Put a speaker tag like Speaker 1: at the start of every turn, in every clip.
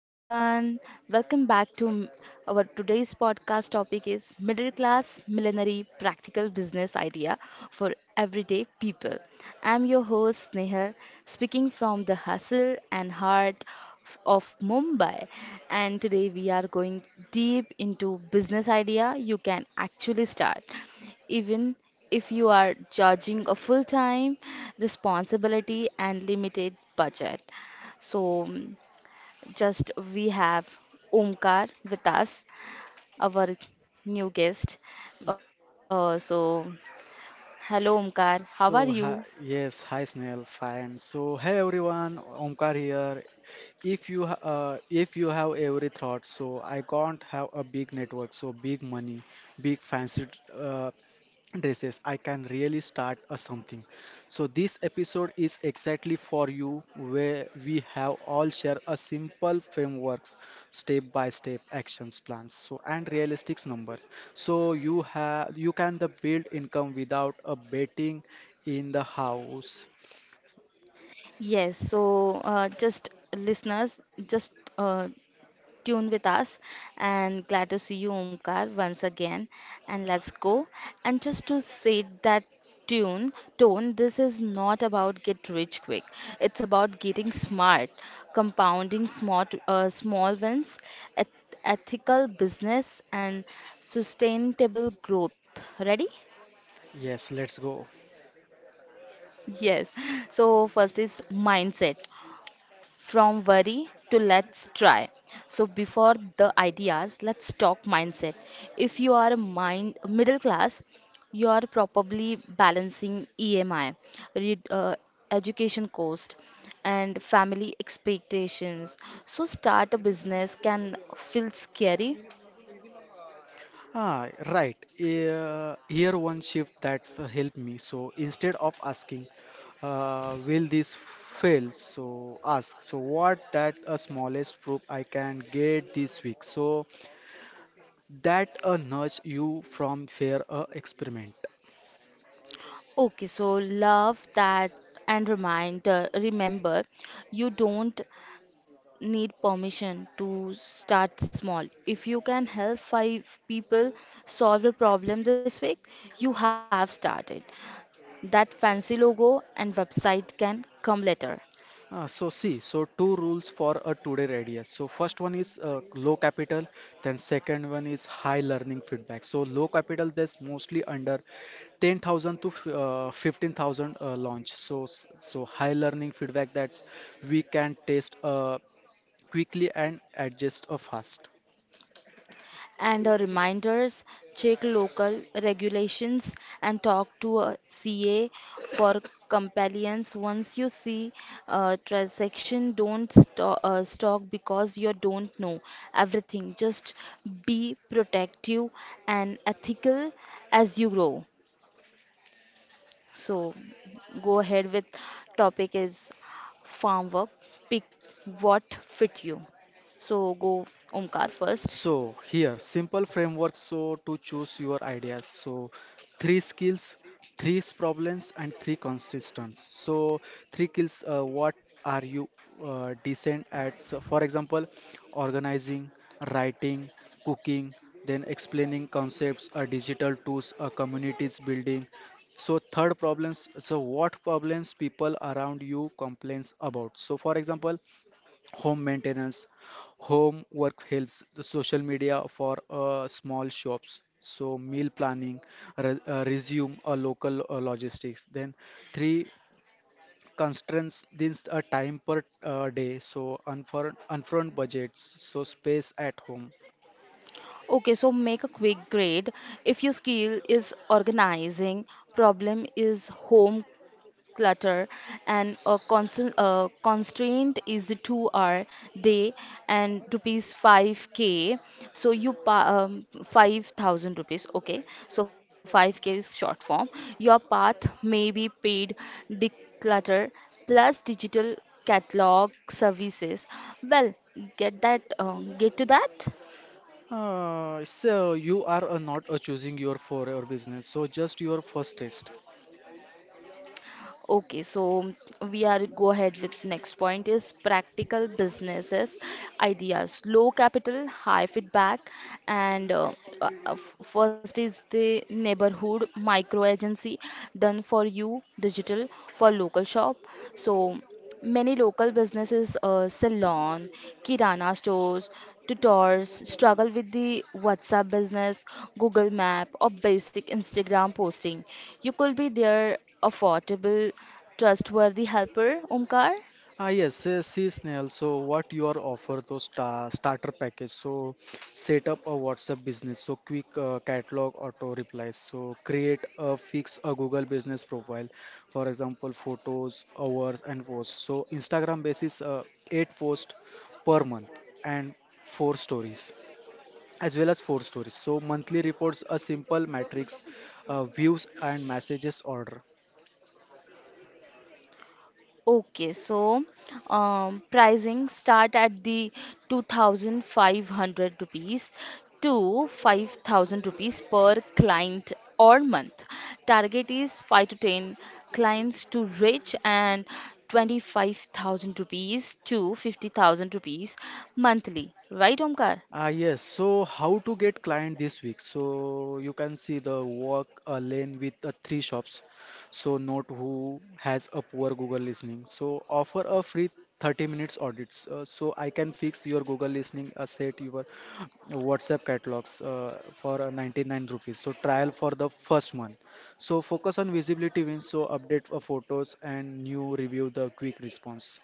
Speaker 1: everyone. Welcome back to m- Our today's podcast topic is middle class millenary practical business idea for everyday people. I'm your host Snehal, speaking from the hustle and heart of Mumbai, and today we are going deep into business idea you can actually start, even if you are judging a full time responsibility and limited budget. So, just we have Omkar with us, our new guest. Uh, so, Hello Omkar, how are
Speaker 2: So, hi,
Speaker 1: you?
Speaker 2: yes, hi Snail, fine. So, hey everyone, Omkar here. If you have every thought, so I can't have a big network, so big money, big fancy, uh, dresses I can really start a something. So this episode is exactly for you where we have all share a simple frameworks, step by step actions plans, so and realistic numbers, so you can the build income without a betting in the house.
Speaker 1: Yes, just listeners, just uh, tune with us. And glad to see you, Omkar, once again. And let's go. And just to set that tune tone, this is not about get rich quick. It's about getting smart, compounding smart small wins, ethical business, and sustainable growth. Ready?
Speaker 2: Yes, let's go.
Speaker 1: Yes. So first is mindset. From worry to let's try. So before the ideas, let's talk mindset. If you are a mind middle class, you are probably balancing EMI, re- uh, education cost, and family expectations. So start a business can feel scary.
Speaker 2: Ah, right. Here one shift that's helped me. So instead of asking, will this fail? So ask, so what that a smallest proof I can get this week? So that nudge you from fear experiment.
Speaker 1: Okay, so love that, and remind remember you don't need permission to start small. If you can help five people solve a problem this week, you have started. That fancy logo and website can come later.
Speaker 2: So see, so two rules for a today radius. So first one is low capital, then second one is high learning feedback. So low capital that's mostly under 10,000 to 15,000 launch. So, so high learning feedback that's we can test quickly and adjust fast.
Speaker 1: And reminders, check local regulations and talk to a CA for compliance. Once you see a transaction, don't stock because you don't know everything. Just be protective and ethical as you grow. So, go ahead with topic is farm work. Pick what fit you. So, go Omkar first.
Speaker 2: So here, simple framework so to choose your ideas. So three skills, three problems, and three consistence. So three skills. What are you decent at? So for example, organizing, writing, cooking, then explaining concepts, digital tools, communities building. So third problems. So what problems people around you complains about? So for example, home maintenance, home work helps the social media for small shops, so meal planning, resume a local logistics, then three constraints, this a time per day, so unfurn unfurled budgets, so space at home.
Speaker 1: Okay, so make a quick grade. If your skill is organizing, problem is home clutter, and a constant constraint is the 2 hour day and rupees 5k. So you pa 5,000 rupees. Okay, so 5k is short form. Your path may be paid declutter plus digital catalog services. Well, get to that.
Speaker 2: So you are not choosing your for your business, so just your first test.
Speaker 1: Okay, so we are go ahead with next point is practical businesses ideas. Low capital, high feedback, and first is the neighborhood micro agency done for you digital for local shop. So, many local businesses, salon, kirana stores, tutors struggle with the WhatsApp business, Google Map, or basic Instagram posting. You could be their affordable, trustworthy helper, Omkar.
Speaker 2: Ah yes, see Snail. So what you are offer those starter package? So set up a WhatsApp business. So quick catalog auto replies. So create a fix a Google business profile. For example, photos, hours, and posts. So Instagram basis eight posts per month and four stories as well as four stories. So monthly reports a simple matrix, views and messages order.
Speaker 1: Okay, so pricing start at the 2,500 rupees to 5,000 rupees per client or month. Target is 5 to 10 clients to reach and 25,000 rupees to 50,000 rupees monthly. Right, Omkar?
Speaker 2: Ah, yes. So, how to get client this week? So, you can see the walk a lane with three shops. So, note who has a poor Google listening. So, offer a free 30 minutes audits. So, I can fix your Google listening asset, your WhatsApp catalogs for 99 rupees. So, trial for the first month. So, focus on visibility wins. So, update for photos and new review the quick response.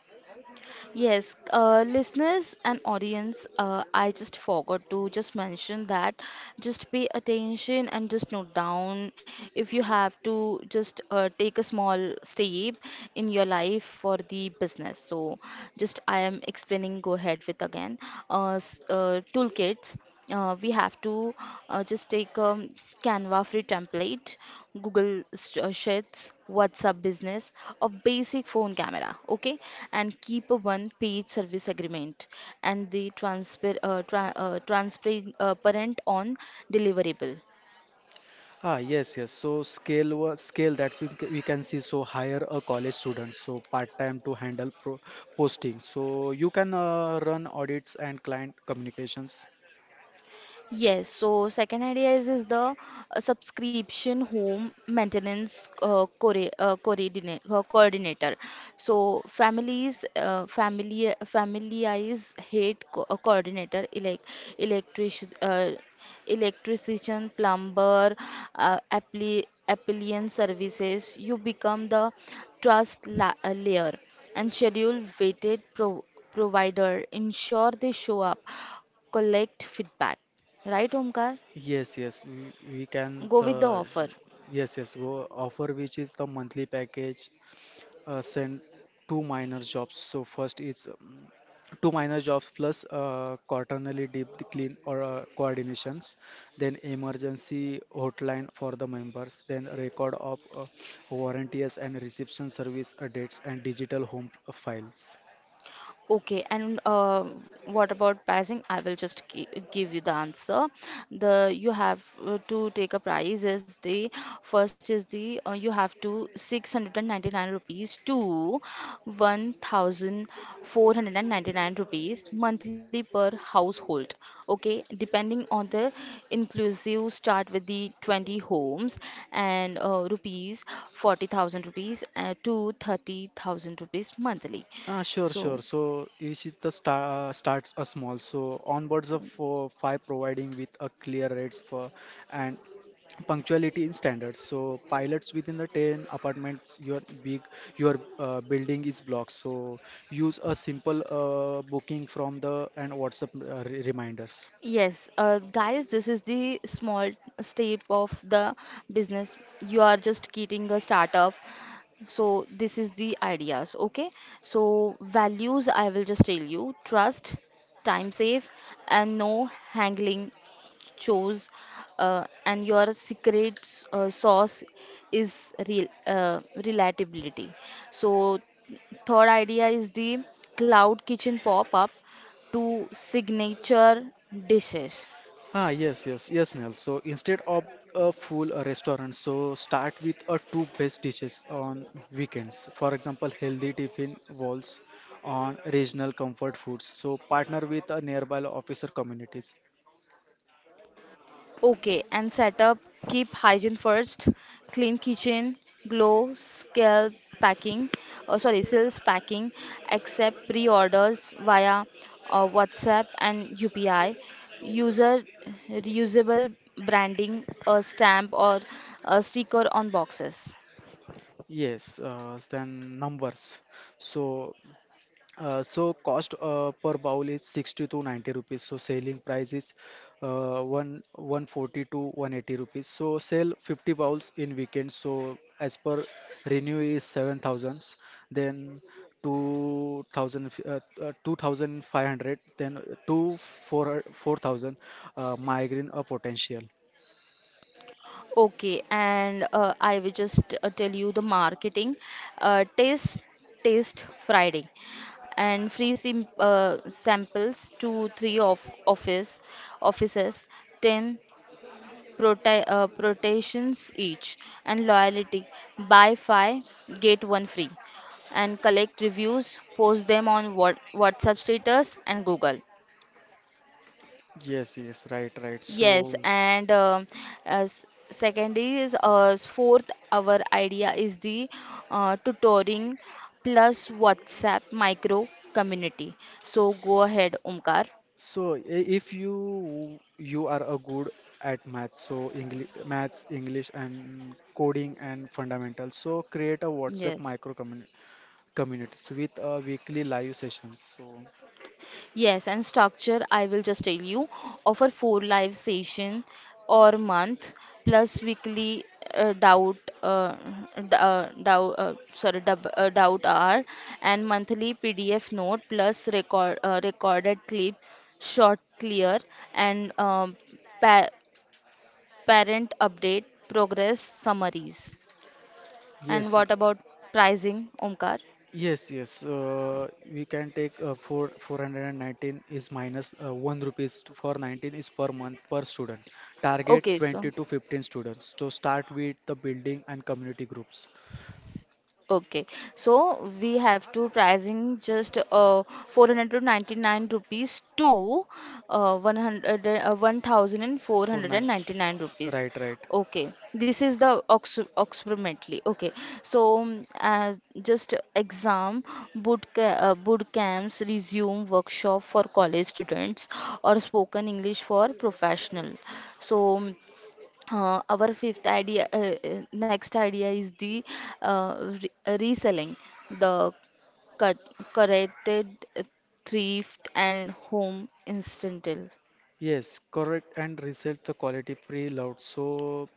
Speaker 1: Yes, listeners and audience, I just forgot to just mention that. Just pay attention and just note down if you have to just take a small step in your life for the business. So, just I am explaining, go ahead with again. Toolkits we have to just take a Canva free template, Google Sheets, WhatsApp Business, a basic phone camera, okay, and keep a one-page service agreement and the transparent parent on deliverable.
Speaker 2: Ah, yes, yes. Scale that's we can see, so hire a college student so part time to handle pro posting. So you can run audits and client communications.
Speaker 1: Yes, so second idea is the subscription home maintenance coordinator. So families hate coordinator, electric, electrician, plumber, uh, appliance services. You become the trust la layer and schedule weighted provider. Ensure they show up, collect feedback. Right, Omkar?
Speaker 2: Yes, yes, we can
Speaker 1: Go with the
Speaker 2: the.
Speaker 1: offer.
Speaker 2: Yes, yes, go offer which is the monthly package sent two minor jobs. So first is two minor jobs plus quaternary deep clean or coordinations, then emergency hotline for the members, then record of warranties and reception service dates and digital home files.
Speaker 1: Okay, and what about pricing? I will just give you the answer. The you have to take a price is the first is the you have to 699 rupees to 1499 rupees monthly per household. Okay, depending on the inclusive start with the 20 homes and rupees 40,000 rupees to 30,000 rupees monthly.
Speaker 2: Ah, sure, sure.
Speaker 1: So
Speaker 2: So each is the starts a small. So onboards of five providing with a clear rates for and punctuality in standards, so pilots within the 10 apartments your big your building is blocked, so use a simple booking from the and whatsapp reminders.
Speaker 1: yes, guys, this is the small step of the business. You are just getting a startup. So, this is the ideas, okay? So, values I will just tell you: trust, time save, and no haggling chose, and your secret sauce is real relatability So, third idea is the cloud kitchen pop up to signature dishes.
Speaker 2: Ah yes yes yes Nell, so instead of a full restaurant, so start with a two best dishes on weekends, for example healthy tiffin walls on regional comfort foods, so partner with a nearby officer communities.
Speaker 1: Okay, and setup keep hygiene first, clean kitchen, glow, scale packing, sorry, sales packing, accept pre orders via WhatsApp and UPI, user reusable branding, a stamp or a sticker on boxes.
Speaker 2: Yes, then numbers. So so cost per bowl is 60 to 90 rupees. So selling price is one 140 to 180 rupees. So sell 50 bowls in weekend. So as per renew is 7000s. Then 2,000, 2,500. Then two four 4,000 migraine a potential.
Speaker 1: Okay, and I will just tell you the marketing. Uh, taste, taste Friday, and free samples to three of offices, 10 rotations each, and loyalty buy five get one free, and collect reviews, post them on whatsapp status and google.
Speaker 2: Yes, yes, right, right. So.
Speaker 1: Yes, and as second is fourth, our idea is the tutoring plus WhatsApp micro community. So go ahead, Omkar.
Speaker 2: So, if you are a good at math, so English, maths, English, and coding and fundamentals, so create a WhatsApp
Speaker 1: Yes,
Speaker 2: micro community communities with a weekly live sessions. So,
Speaker 1: yes, and structure, I will just tell you, offer four live session or month plus weekly doubt uh, d- doubt sorry dub, doubt hour and monthly PDF note plus recorded clip short clear and pa parent update progress summaries. And
Speaker 2: yes,
Speaker 1: what about pricing, Omkar?
Speaker 2: yes, yes. We can take four four hundred and nineteen is minus one rupees to- for 19 is per month per student. Target
Speaker 1: Okay, so.
Speaker 2: 20 to 15 students. So start with the building and community groups.
Speaker 1: Okay, so we have to pricing just 499 rupees to
Speaker 2: For nine,
Speaker 1: 1499 rupees.
Speaker 2: right, right.
Speaker 1: Okay, this is the ox approximately. Okay, so just exam boot, ca boot camps resume workshop for college students or spoken English for professional. So our fifth idea next idea is the uh, reselling the cut corrected uh, thrift and home instantal,
Speaker 2: Yes, correct, and reset the quality pre-load. So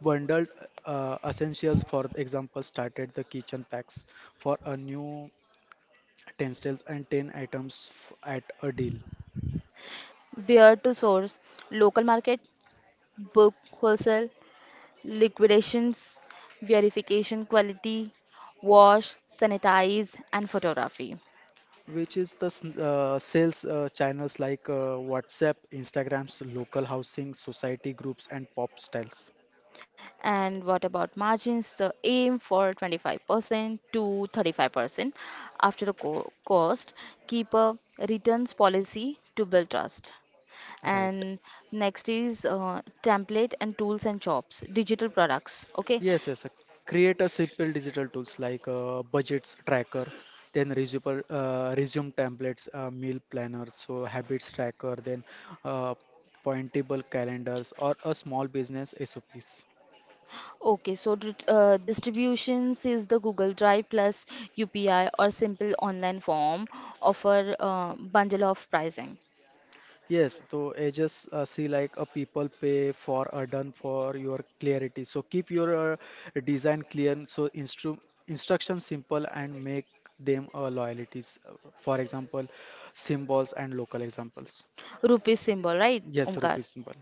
Speaker 2: bundled essentials, for example, started the kitchen packs for a new 10 sales and 10 items at a deal,
Speaker 1: where to source local market book wholesale liquidations, verification quality, wash sanitize and photography.
Speaker 2: which is the sales channels like WhatsApp, Instagrams, local housing, society groups, and pop styles.
Speaker 1: And what about margins? The aim for 25% to 35% after the cost. Keep a returns policy to build trust.
Speaker 2: Right.
Speaker 1: And next is template and tools and jobs, digital products. Okay.
Speaker 2: Yes, yes. Create a simple digital tools like budgets tracker, then resume templates, meal planners, so habits tracker, then uh, pointable calendars or a small business SOPs.
Speaker 1: Okay, so distributions is the Google Drive plus UPI or simple online form, offer bundle of pricing.
Speaker 2: Yes, so I just see like a people pay for a done for your clarity. So keep your design clear, so instructions simple and make them loyalties. For example, symbols and local examples.
Speaker 1: Rupees symbol, right,
Speaker 2: Yes,
Speaker 1: Omkar?
Speaker 2: rupees symbol.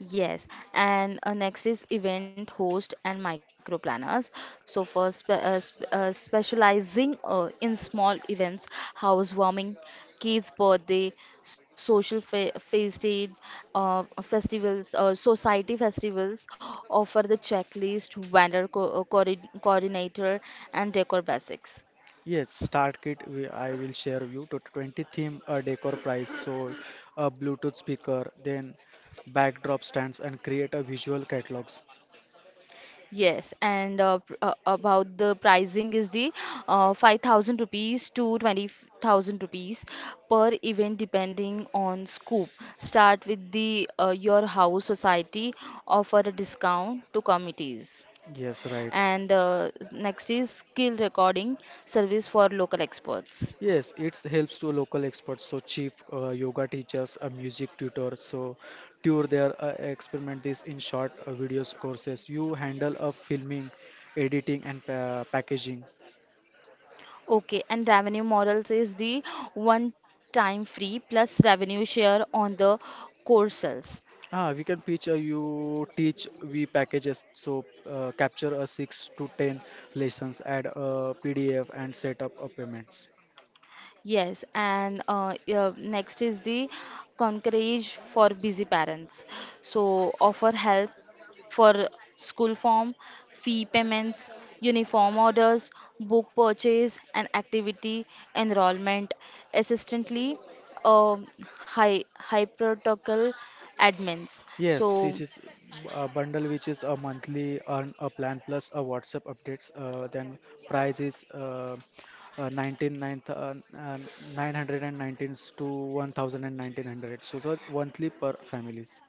Speaker 1: Yes, and next is event host and micro planners. So first specializing in small events, housewarming, kids' birthday, social fe feast aid, festivals, society festivals, offer the checklist, vendor coordinator, and decor basics.
Speaker 2: Yes, start kit. I will share you to 20 theme a decor price. So a Bluetooth speaker, then backdrop stands and create a visual catalogs.
Speaker 1: Yes, and about the pricing is the 5,000 rupees to 20,000 rupees per event depending on scope. Start with the your house society, offer a discount to committees.
Speaker 2: Yes, right.
Speaker 1: And next is skill recording service for local experts.
Speaker 2: Yes, it helps to local experts. So chief yoga teachers, a music tutor. So tour their experiment this in short videos courses. You handle of filming, editing and pa packaging.
Speaker 1: Okay, and revenue models is the one time free plus revenue share on the core sales.
Speaker 2: Ah, we can pitch you teach we packages, so capture a six to ten lessons, add a PDF and set up a payments.
Speaker 1: Yes, and next is the concierge for busy parents. So offer help for school form, fee payments, uniform orders, book purchase, and activity enrollment. Assistantly, um, hypertocal admins.
Speaker 2: Yes, this
Speaker 1: So
Speaker 2: is a bundle which is a monthly earn a plan plus a WhatsApp updates. Then price is 19 nine uh, uh, 919 to one thousand and nineteen hundred. So the monthly per families.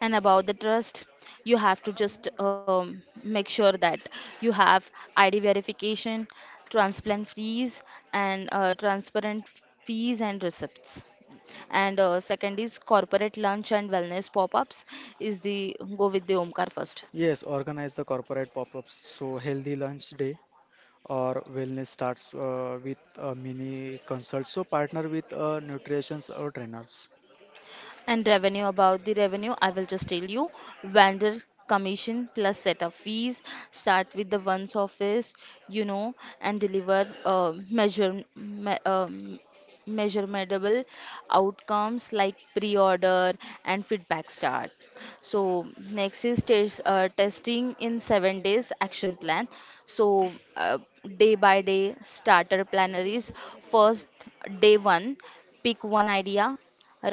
Speaker 1: and about the trust, you have to just make sure that you have id verification, transplant fees, and transparent fees and receipts. And second is corporate lunch and wellness pop-ups, is the go with the omkar first.
Speaker 2: Yes, organize the corporate pop-ups. So healthy lunch day or wellness starts with a mini consult. So partner with nutritionists or trainers.
Speaker 1: And revenue, about the revenue, I will just tell you vendor commission plus setup fees. Start with the one's office, you know, and deliver measurable outcomes like pre-order and feedback start. So next is testing in 7 days action plan. So day by day starter planner is first, day one, pick one idea,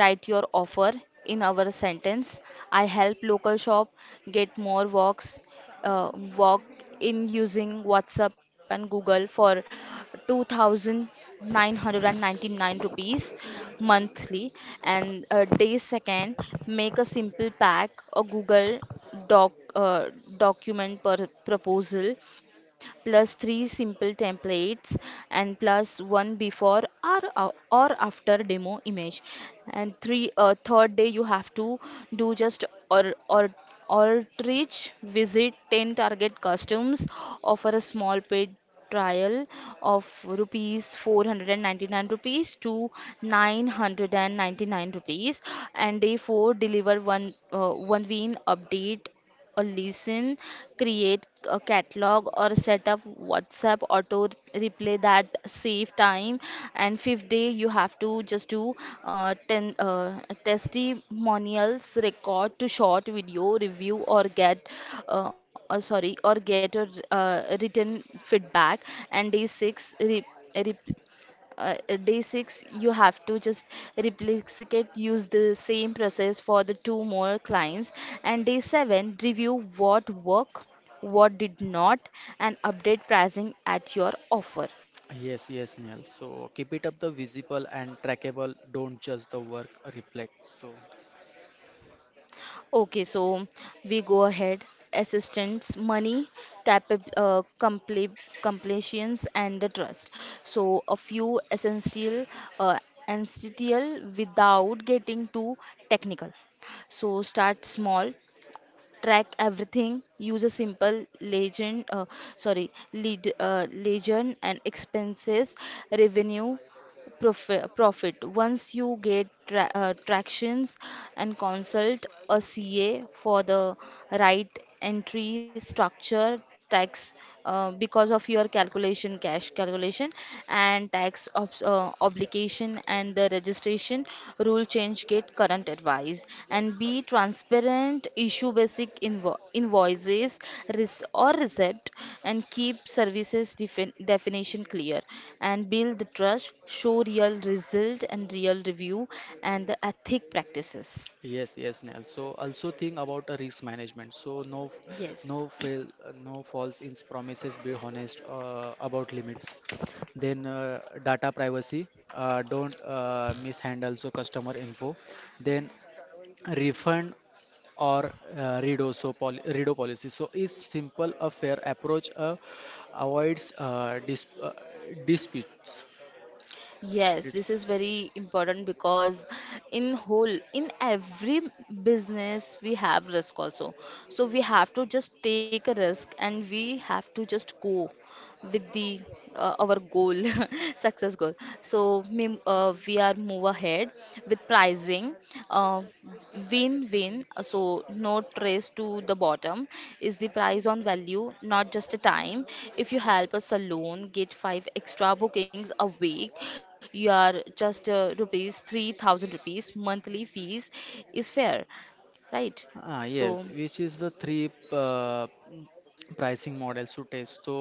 Speaker 1: write your offer in our sentence. I help local shop get more walks, uh, walk in using WhatsApp and Google for 2,999 rupees monthly. And day second, make a simple pack or Google doc, uh, document per proposal plus three simple templates and plus one before or after demo image. And three third day you have to do just or outreach visit 10 target customers, offer a small paid trial of rupees 499 rupees to 999 rupees. And day 4, deliver one win update, a lesson, create a catalog or set up whatsapp auto play that save time. And fifth day, you have to just do testimonials, record to short video, review, or get a written feedback. And rep, uh, day six you have to just replicate, use the same process for the two more clients. And day seven, review what worked, what did not, and update pricing at your offer.
Speaker 2: Yes, yes, Neil. So keep it up the visible and trackable. Don't just the work reflect. So.
Speaker 1: Okay, so we go ahead. Assistance, money, capa compli completions, and the trust. So a few uh, essential without getting too technical. So start small, track everything, use a simple legend sorry lead legend and expenses, revenue, profit. Once you get tractions and consult a ca for the right entry structure tax, because of your calculation cash calculation and tax obligation and the registration rule change, get current advice, and be transparent, issue basic invoices or receipt, and keep services definition clear, and build the trust, show real result and real review, and the ethic practices.
Speaker 2: Yes, yes, Neil. So also think about a risk management. So no,
Speaker 1: Yes.
Speaker 2: no fail, no false in promises. Be honest about limits. Then data privacy. Don't mishandle so customer info. Then refund or redo so pol redo policy, so is simple a fair approach avoids disputes.
Speaker 1: Yes, this is
Speaker 2: Dis-
Speaker 1: very important because in every business, we have risk also. So we have to just take a risk and we have to just go with the our goal, success goal. We are move ahead with pricing, uh, win win, so no trace to the bottom. Is the price on value, not just a time. If you help a salon get five extra bookings a week, you are just rupees 3000 rupees monthly fees. Is fair, right?
Speaker 2: ah yes,
Speaker 1: so
Speaker 2: which is the three pricing models to test. So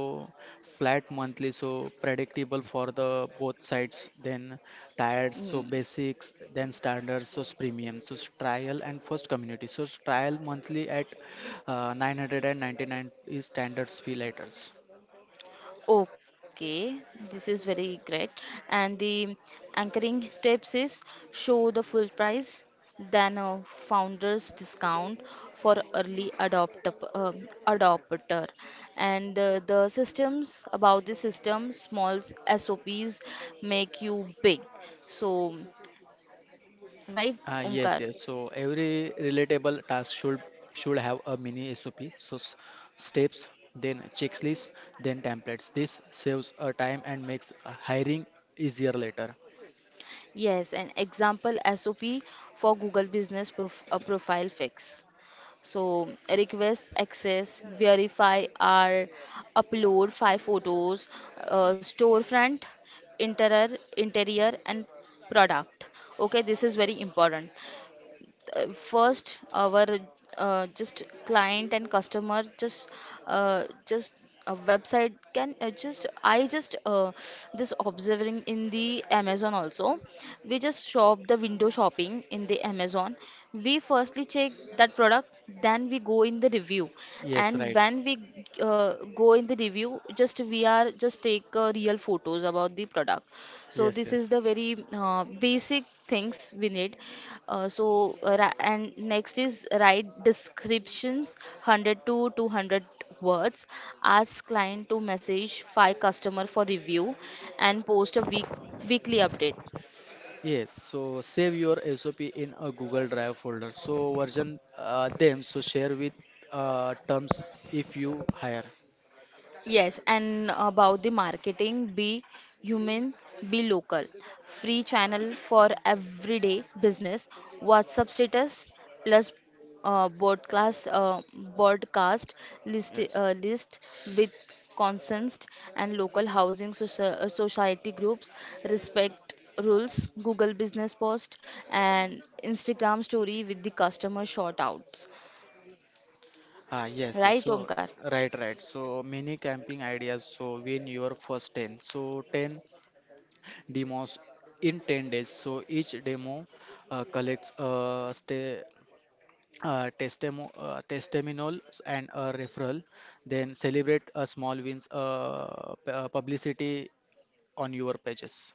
Speaker 2: flat monthly, so predictable for the both sides, then tiers, so
Speaker 1: mm.
Speaker 2: basics, then standards, so premium, so trial and first community, so trial monthly at 999 is standards fee letters.
Speaker 1: Okay, this is very great. And the anchoring tips is, show the full price than a founder's discount for early adopter, adopter. And the systems about the system, small SOPs make you big. So, right,
Speaker 2: Ah, yes,
Speaker 1: Omkar?
Speaker 2: yes. So every relatable task should have a mini SOP. So steps, then checklist, then templates. This saves time and makes hiring easier later.
Speaker 1: Yes, an example SOP for Google Business Profile Fix. So request access, verify or upload five photos, storefront, interior and product. Okay, this is very important. First our just client and customer, just a website can just I just this observing in the Amazon also. We just shop the window shopping in the Amazon. We firstly check that product, then we go in the review.
Speaker 2: Yes,
Speaker 1: And
Speaker 2: right.
Speaker 1: when we go in the review, just we are just take real photos about the product. So
Speaker 2: Yes,
Speaker 1: this is
Speaker 2: yes.
Speaker 1: the very basic things we need. And next is write descriptions 100 to 200 words. Ask client to message five customer for review and post a weekly update.
Speaker 2: Yes, so save your SOP in a Google Drive folder. So version them, so share with terms if you hire.
Speaker 1: Yes, and about the marketing, be human, be local. Free channel for everyday business. WhatsApp status plus uh, broadcast, uh, broadcast
Speaker 2: Yes.
Speaker 1: list with consensed and local housing society groups. Respect rules. Google business post and Instagram story with the customer shoutouts.
Speaker 2: Ah, yes, yes.
Speaker 1: Right,
Speaker 2: So,
Speaker 1: Omkar?
Speaker 2: right, right. So, many camping ideas. So, win your first 10. So, 10 demos in 10 days. So each demo collects a stay. Testimonial and a referral, then celebrate a small wins publicity on your pages.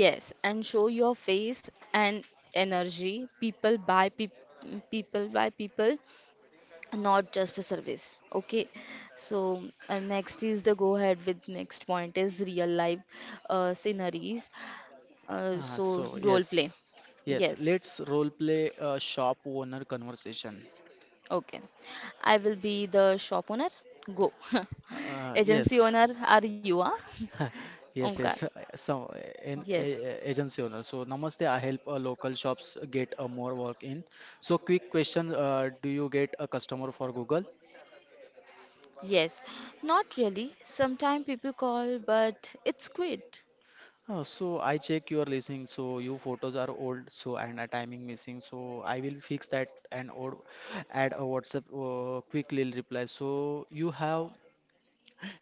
Speaker 1: Yes, and show your face and energy. People buy people, not just a service. Okay, so next is the go ahead with next point is real life sceneries. Uh,
Speaker 2: Uh,
Speaker 1: so
Speaker 2: so
Speaker 1: role
Speaker 2: yes,
Speaker 1: play.
Speaker 2: yes,
Speaker 1: Yes,
Speaker 2: let's role play a shop owner conversation.
Speaker 1: okay. I will be the shop owner. Go. Agency
Speaker 2: Yes.
Speaker 1: owner, are you? Huh?
Speaker 2: Yes,
Speaker 1: Omkar.
Speaker 2: yes. Some
Speaker 1: Yes.
Speaker 2: agency owner. So namaste. I help local shops get more work in. So quick question: Do you get a customer for Google?
Speaker 1: Yes, not really. Sometimes people call, but it's quit.
Speaker 2: So I check your listing. So you photos are old. So and a timing missing. So I will fix that and or add a WhatsApp quick little reply. So you have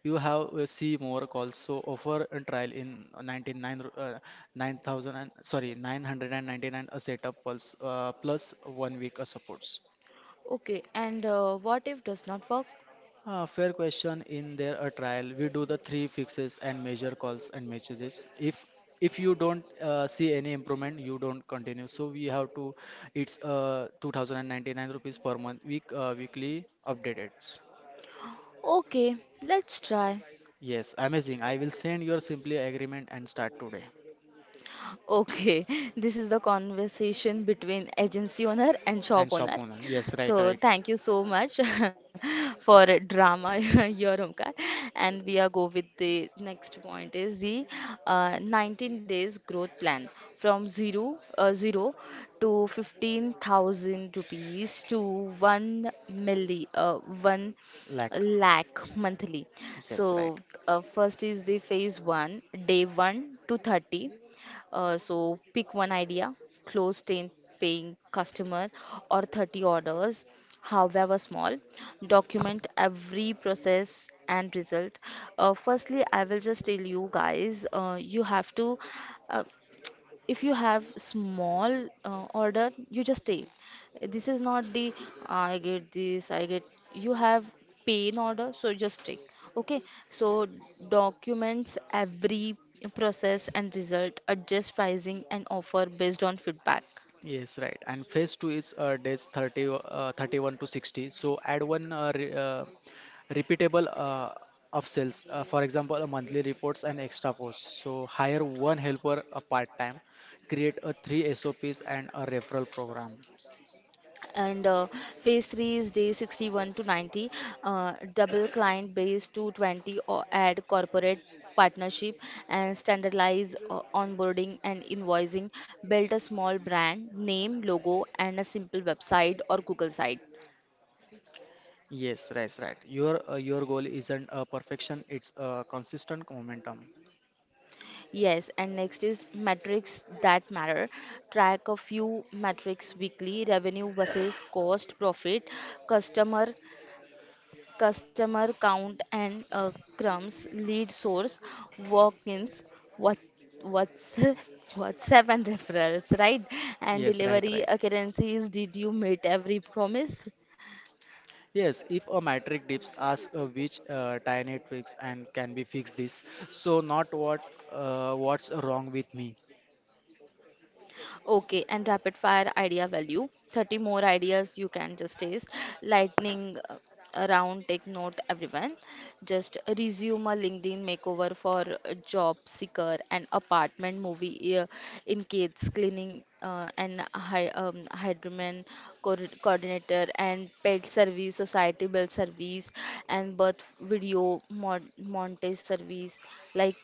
Speaker 2: You have C Mork also offer a trial in 99 9000 and sorry 999 a setup plus, plus 1 week of supports.
Speaker 1: Okay, and what if does not work?
Speaker 2: Fair question. In their a trial, we do the three fixes and major calls and messages. If you don't see any improvement, you don't continue. So we have to. It's 2099 rupees per month week weekly updates.
Speaker 1: Okay, let's try.
Speaker 2: Yes, amazing. I will send your simply agreement and start today.
Speaker 1: Okay, this is the conversation between agency owner and shop
Speaker 2: And shop
Speaker 1: owner.
Speaker 2: owner. Yes, right,
Speaker 1: So
Speaker 2: right.
Speaker 1: thank you so much for drama your Omkar. And we are go with the next point is the 19 days growth plan from zero to 15,000 rupees to 1
Speaker 2: Lack.
Speaker 1: lakh monthly. So
Speaker 2: Yes, right.
Speaker 1: first is the phase 1, day 1 to 30. So pick one idea, close 10 paying customer or 30 orders, however small. Document every process and result. Firstly, I will just tell you guys, you have to uh, if you have small order, you just take. This is not the I get this I get you have pain order, so just take. Okay, so documents every process and result, adjust pricing and offer based on feedback.
Speaker 2: Yes, right. And phase two is days 30, 31 to 60. So add one re repeatable of sales. For example, a monthly reports and extra posts. So hire one helper a part time. Create a three SOPs and a referral program.
Speaker 1: And phase 3 is day 61 to 90. Double client base to 20 or add corporate partnership, and standardize onboarding and invoicing. Build a small brand name logo and a simple website or Google site.
Speaker 2: Yes, right, right. Your goal isn't perfection. It's a consistent momentum.
Speaker 1: Yes, and next is metrics that matter. Track a few metrics: weekly revenue versus cost, profit, customer customer count, and crumbs, lead source, walk-ins, what what's WhatsApp and referrals, right? And
Speaker 2: Yes, right,
Speaker 1: delivery
Speaker 2: right.
Speaker 1: occurrences. Did you meet every promise?
Speaker 2: Yes, if a metric dips, ask which tiny tweaks and can be fixed this. So not what what's wrong with me.
Speaker 1: Okay, and rapid fire idea value. 30 more ideas you can just taste. Lightning around, take note, everyone. Just resume a LinkedIn makeover for a job seeker, an apartment movie in kids, cleaning and hydroman coordinator, and pet service, society bill service, and birth video montage service. Like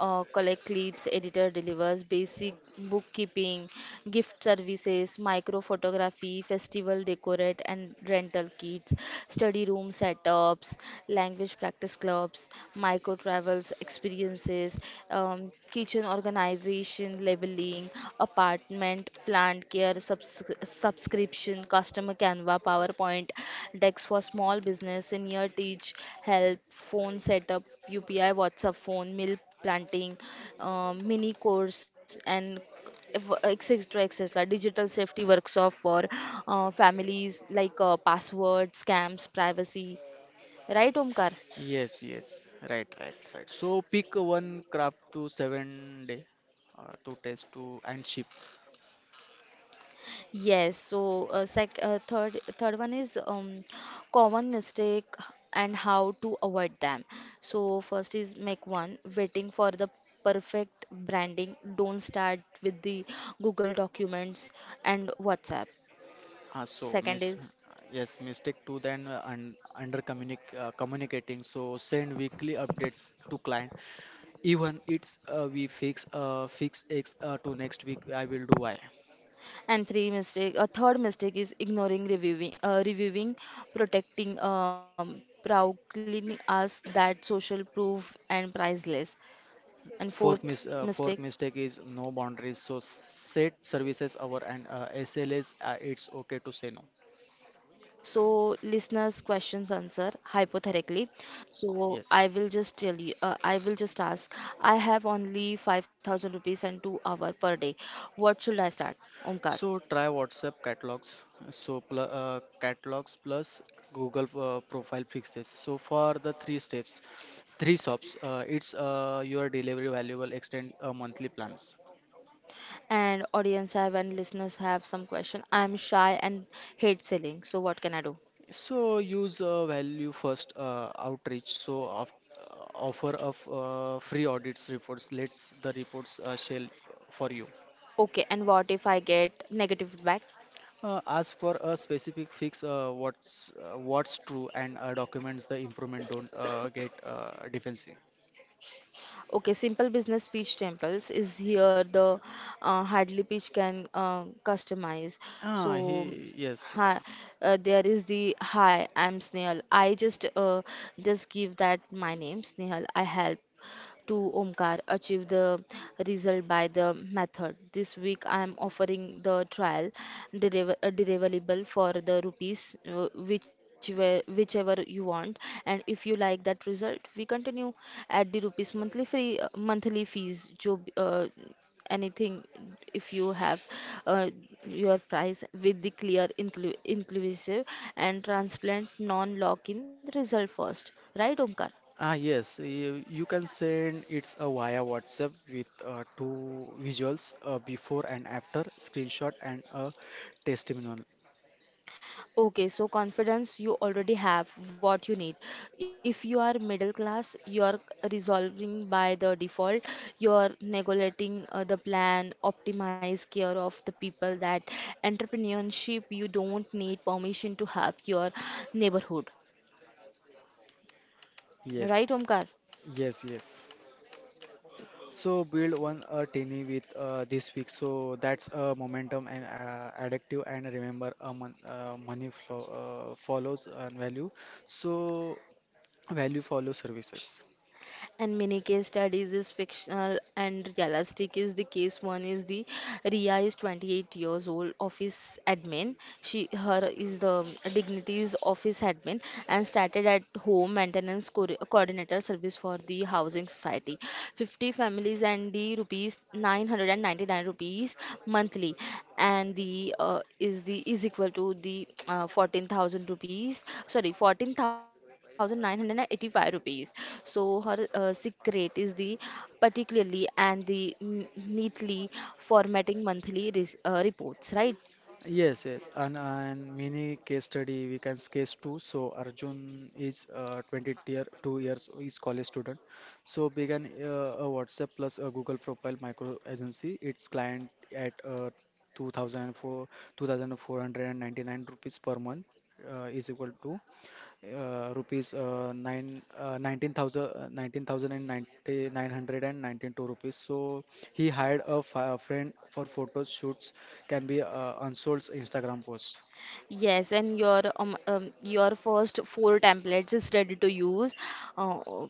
Speaker 1: collect clips, editor delivers basic bookkeeping, gift services, micro photography, festival decorate and rental kits, study room setups, language practice clubs, micro travels experiences, kitchen organization, labeling, apartment, plant care, subscription, customer Canva, PowerPoint, decks for small business, senior teach, help, phone setup, UPI, WhatsApp phone, milk planting, mini course, and etc. etc. Digital safety workshop for families like password, scams, privacy. Right, Omkar?
Speaker 2: Yes, yes, right, right, right. So pick one craft to 7 day to test to and ship.
Speaker 1: Yes. So, third one is common mistake and how to avoid them. So, first is make one waiting for the perfect branding. Don't start with the Google Documents and WhatsApp.
Speaker 2: Ah, so
Speaker 1: Second
Speaker 2: miss.
Speaker 1: is,
Speaker 2: Yes, mistake two, then under communicating. So send weekly updates to client. Even it's we fix fix X to next week. I will do Y.
Speaker 1: and three mistake, a third mistake is ignoring reviewing, reviewing, protecting, proudly us that social proof and priceless. And
Speaker 2: Fourth,
Speaker 1: fourth
Speaker 2: fourth
Speaker 1: mistake,
Speaker 2: mistake is no boundaries. So set services hour and SLAs. It's okay to say no.
Speaker 1: so listeners questions answer hypothetically. So
Speaker 2: Yes.
Speaker 1: I will just tell you, I will just ask. I have only 5,000 rupees and 2 hour per day. What should I start, Omkar?
Speaker 2: So try WhatsApp catalogs. So pl catalogs plus Google profile fixes. So for the three steps, three stops, it's your delivery valuable extend monthly plans.
Speaker 1: And audience have and listeners have some question. I am shy and hate selling. So what can I do?
Speaker 2: So use value first outreach. So of, offer of free audits reports. Let's the reports shell for you.
Speaker 1: Okay, and what if I get negative feedback?
Speaker 2: Ask for a specific fix, what's true, and documents the improvement. Don't get defensive.
Speaker 1: Okay, simple business pitch temples is here. The hardly pitch can customize. So,
Speaker 2: Ah, he yes.
Speaker 1: hi, there is the hi, I'm Snehal. I just give that My name Snehal. I help to Omkar achieve the result by the method. This week I am offering the trial deliverable for the rupees whichever you want. And if you like that result, we continue at the rupees monthly free monthly fees anything if you have uh, your price with the clear inclusive and transparent, non lock in, result first, right, Omkar?
Speaker 2: Ah, yes. You can send it's a via WhatsApp with two visuals, before and after, screenshot and a testimonial.
Speaker 1: Okay, so confidence, you already have what you need. If you are middle class, you are resolving by the default, you are negotiating the plan, optimize care of the people that entrepreneurship, you don't need permission to have your neighborhood.
Speaker 2: Yes,
Speaker 1: Right, Omkar?
Speaker 2: yes, yes. So build one teeny with this week. So that's momentum and addictive. And remember, money flow follows and value. So value follows services.
Speaker 1: And many case studies is fictional and realistic. Is the case one is the Ria. Is 28 years old office admin. She her Is the dignities office admin, and started at home maintenance coordinator service for the housing society 50 families, and the rupees 999 rupees monthly, and the is the is equal to the 14,000 rupees, sorry, 14,985 rupees. So her secret is the particularly and the neatly formatting monthly reports, right?
Speaker 2: Yes, yes, and mini case study we can case two. So Arjun is 20 year 2 years is college student. So began a WhatsApp plus a Google profile micro agency. Its client at 2004 2499 rupees per month is equal to rupees nine 19,000 19,990 rupees. So he hired a friend for photos shoots can be unsold Instagram posts.
Speaker 1: Yes, and your first four templates is ready to use. Uh, uh,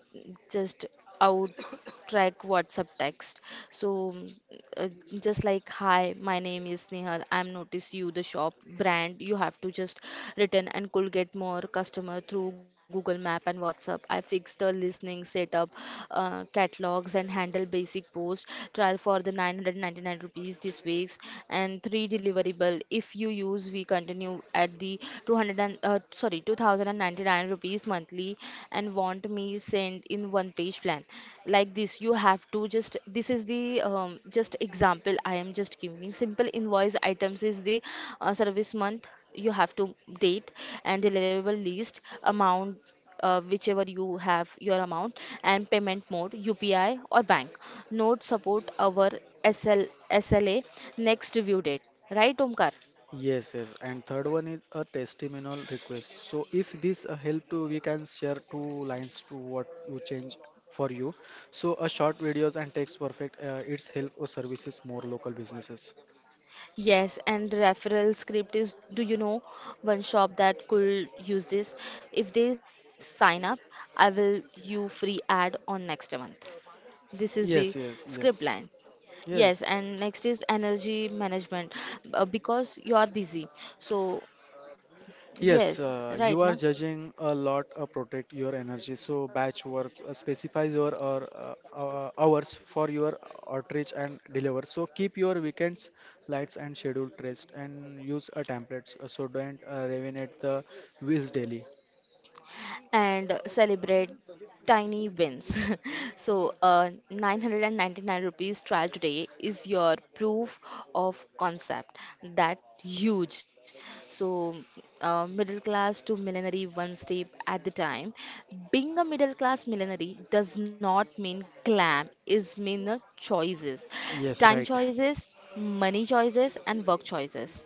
Speaker 1: just out track WhatsApp text. So uh, just like, hi, my name is Nehal. I'm notice you the shop brand. You have to just return and could get more customer through Google Map and WhatsApp. I fix the listening setup, catalogs and handle basic post trial for the 999 rupees this week's, and three deliverable if you use we continue at the 200 and, uh, sorry 2099 rupees monthly, and want me sent in one page plan like this. You have to just this is the just example I am just giving. Simple invoice items is the service month, you have to date and deliverable list, amount, whichever you have your amount, and payment mode UPI or bank. Note support our SL, SLA, next review date. Right, Omkar?
Speaker 2: Yes, yes. And third one is a testimonial request. So if this help to we can share two lines to what you change for you. So a short videos and text perfect. It's help or services more local businesses.
Speaker 1: Yes, and referral script is, do you know one shop that could use this? If they sign up, I will you free ad on next month. This is
Speaker 2: Yes,
Speaker 1: the
Speaker 2: yes, yes,
Speaker 1: script line.
Speaker 2: yes.
Speaker 1: Yes, and next is energy management, because you are busy. So,
Speaker 2: Yes,
Speaker 1: yes,
Speaker 2: you are
Speaker 1: right now.
Speaker 2: judging a lot protect your energy. So batch work specifies your or, hours for your outreach and deliver. So keep your weekends lights and schedule traced and use a templates. So don't revenate the wheels daily.
Speaker 1: And celebrate tiny wins. So, 999 rupees trial today is your proof of concept. That huge. So, middle class to millenary, one step at the time. Being a middle class millenary does not mean glam, is mean choices,
Speaker 2: Yes,
Speaker 1: time
Speaker 2: right.
Speaker 1: choices, money choices, and work choices.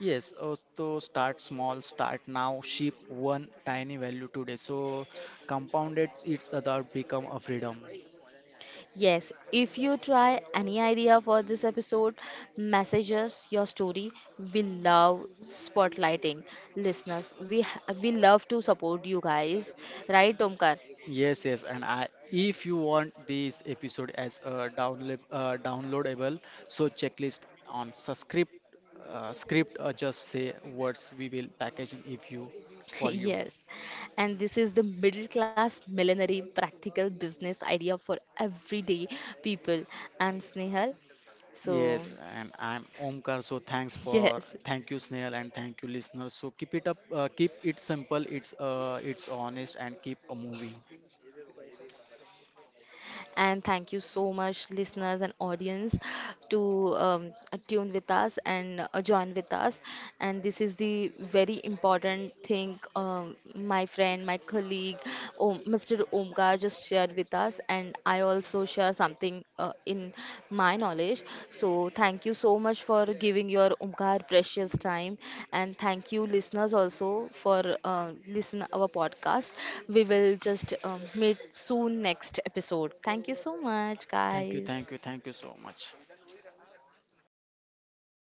Speaker 2: Yes, so start small, start now, ship one tiny value today. So compounded it's about become a freedom.
Speaker 1: Yes, if you try any idea for this episode, message us your story. We love spotlighting listeners. We love to support you guys, right, Omkar?
Speaker 2: Yes, yes, and I if you want this episode as a download downloadable, so checklist on subscript script or just say words we will packaging if you for you.
Speaker 1: Yes, and this is the middle class millinery practical business idea for everyday people. I'm Snehal, so
Speaker 2: Yes, and I'm Omkar. So thanks for
Speaker 1: yes,
Speaker 2: thank you Snail and thank you listeners. So keep it up, keep it simple. It's honest and keep moving.
Speaker 1: and thank you so much, listeners and audience, to um, tune with us and join with us. And this is the very important thing, my friend, my colleague, Mr. Omkar just shared with us, and I also to share something in my knowledge. So, thank you so much for giving your Omkar precious time, and thank you, listeners, also for uh, listen our podcast. We will just meet soon next episode. Thank you so much,
Speaker 2: Thank you, thank
Speaker 1: guys.
Speaker 2: you, thank you so much.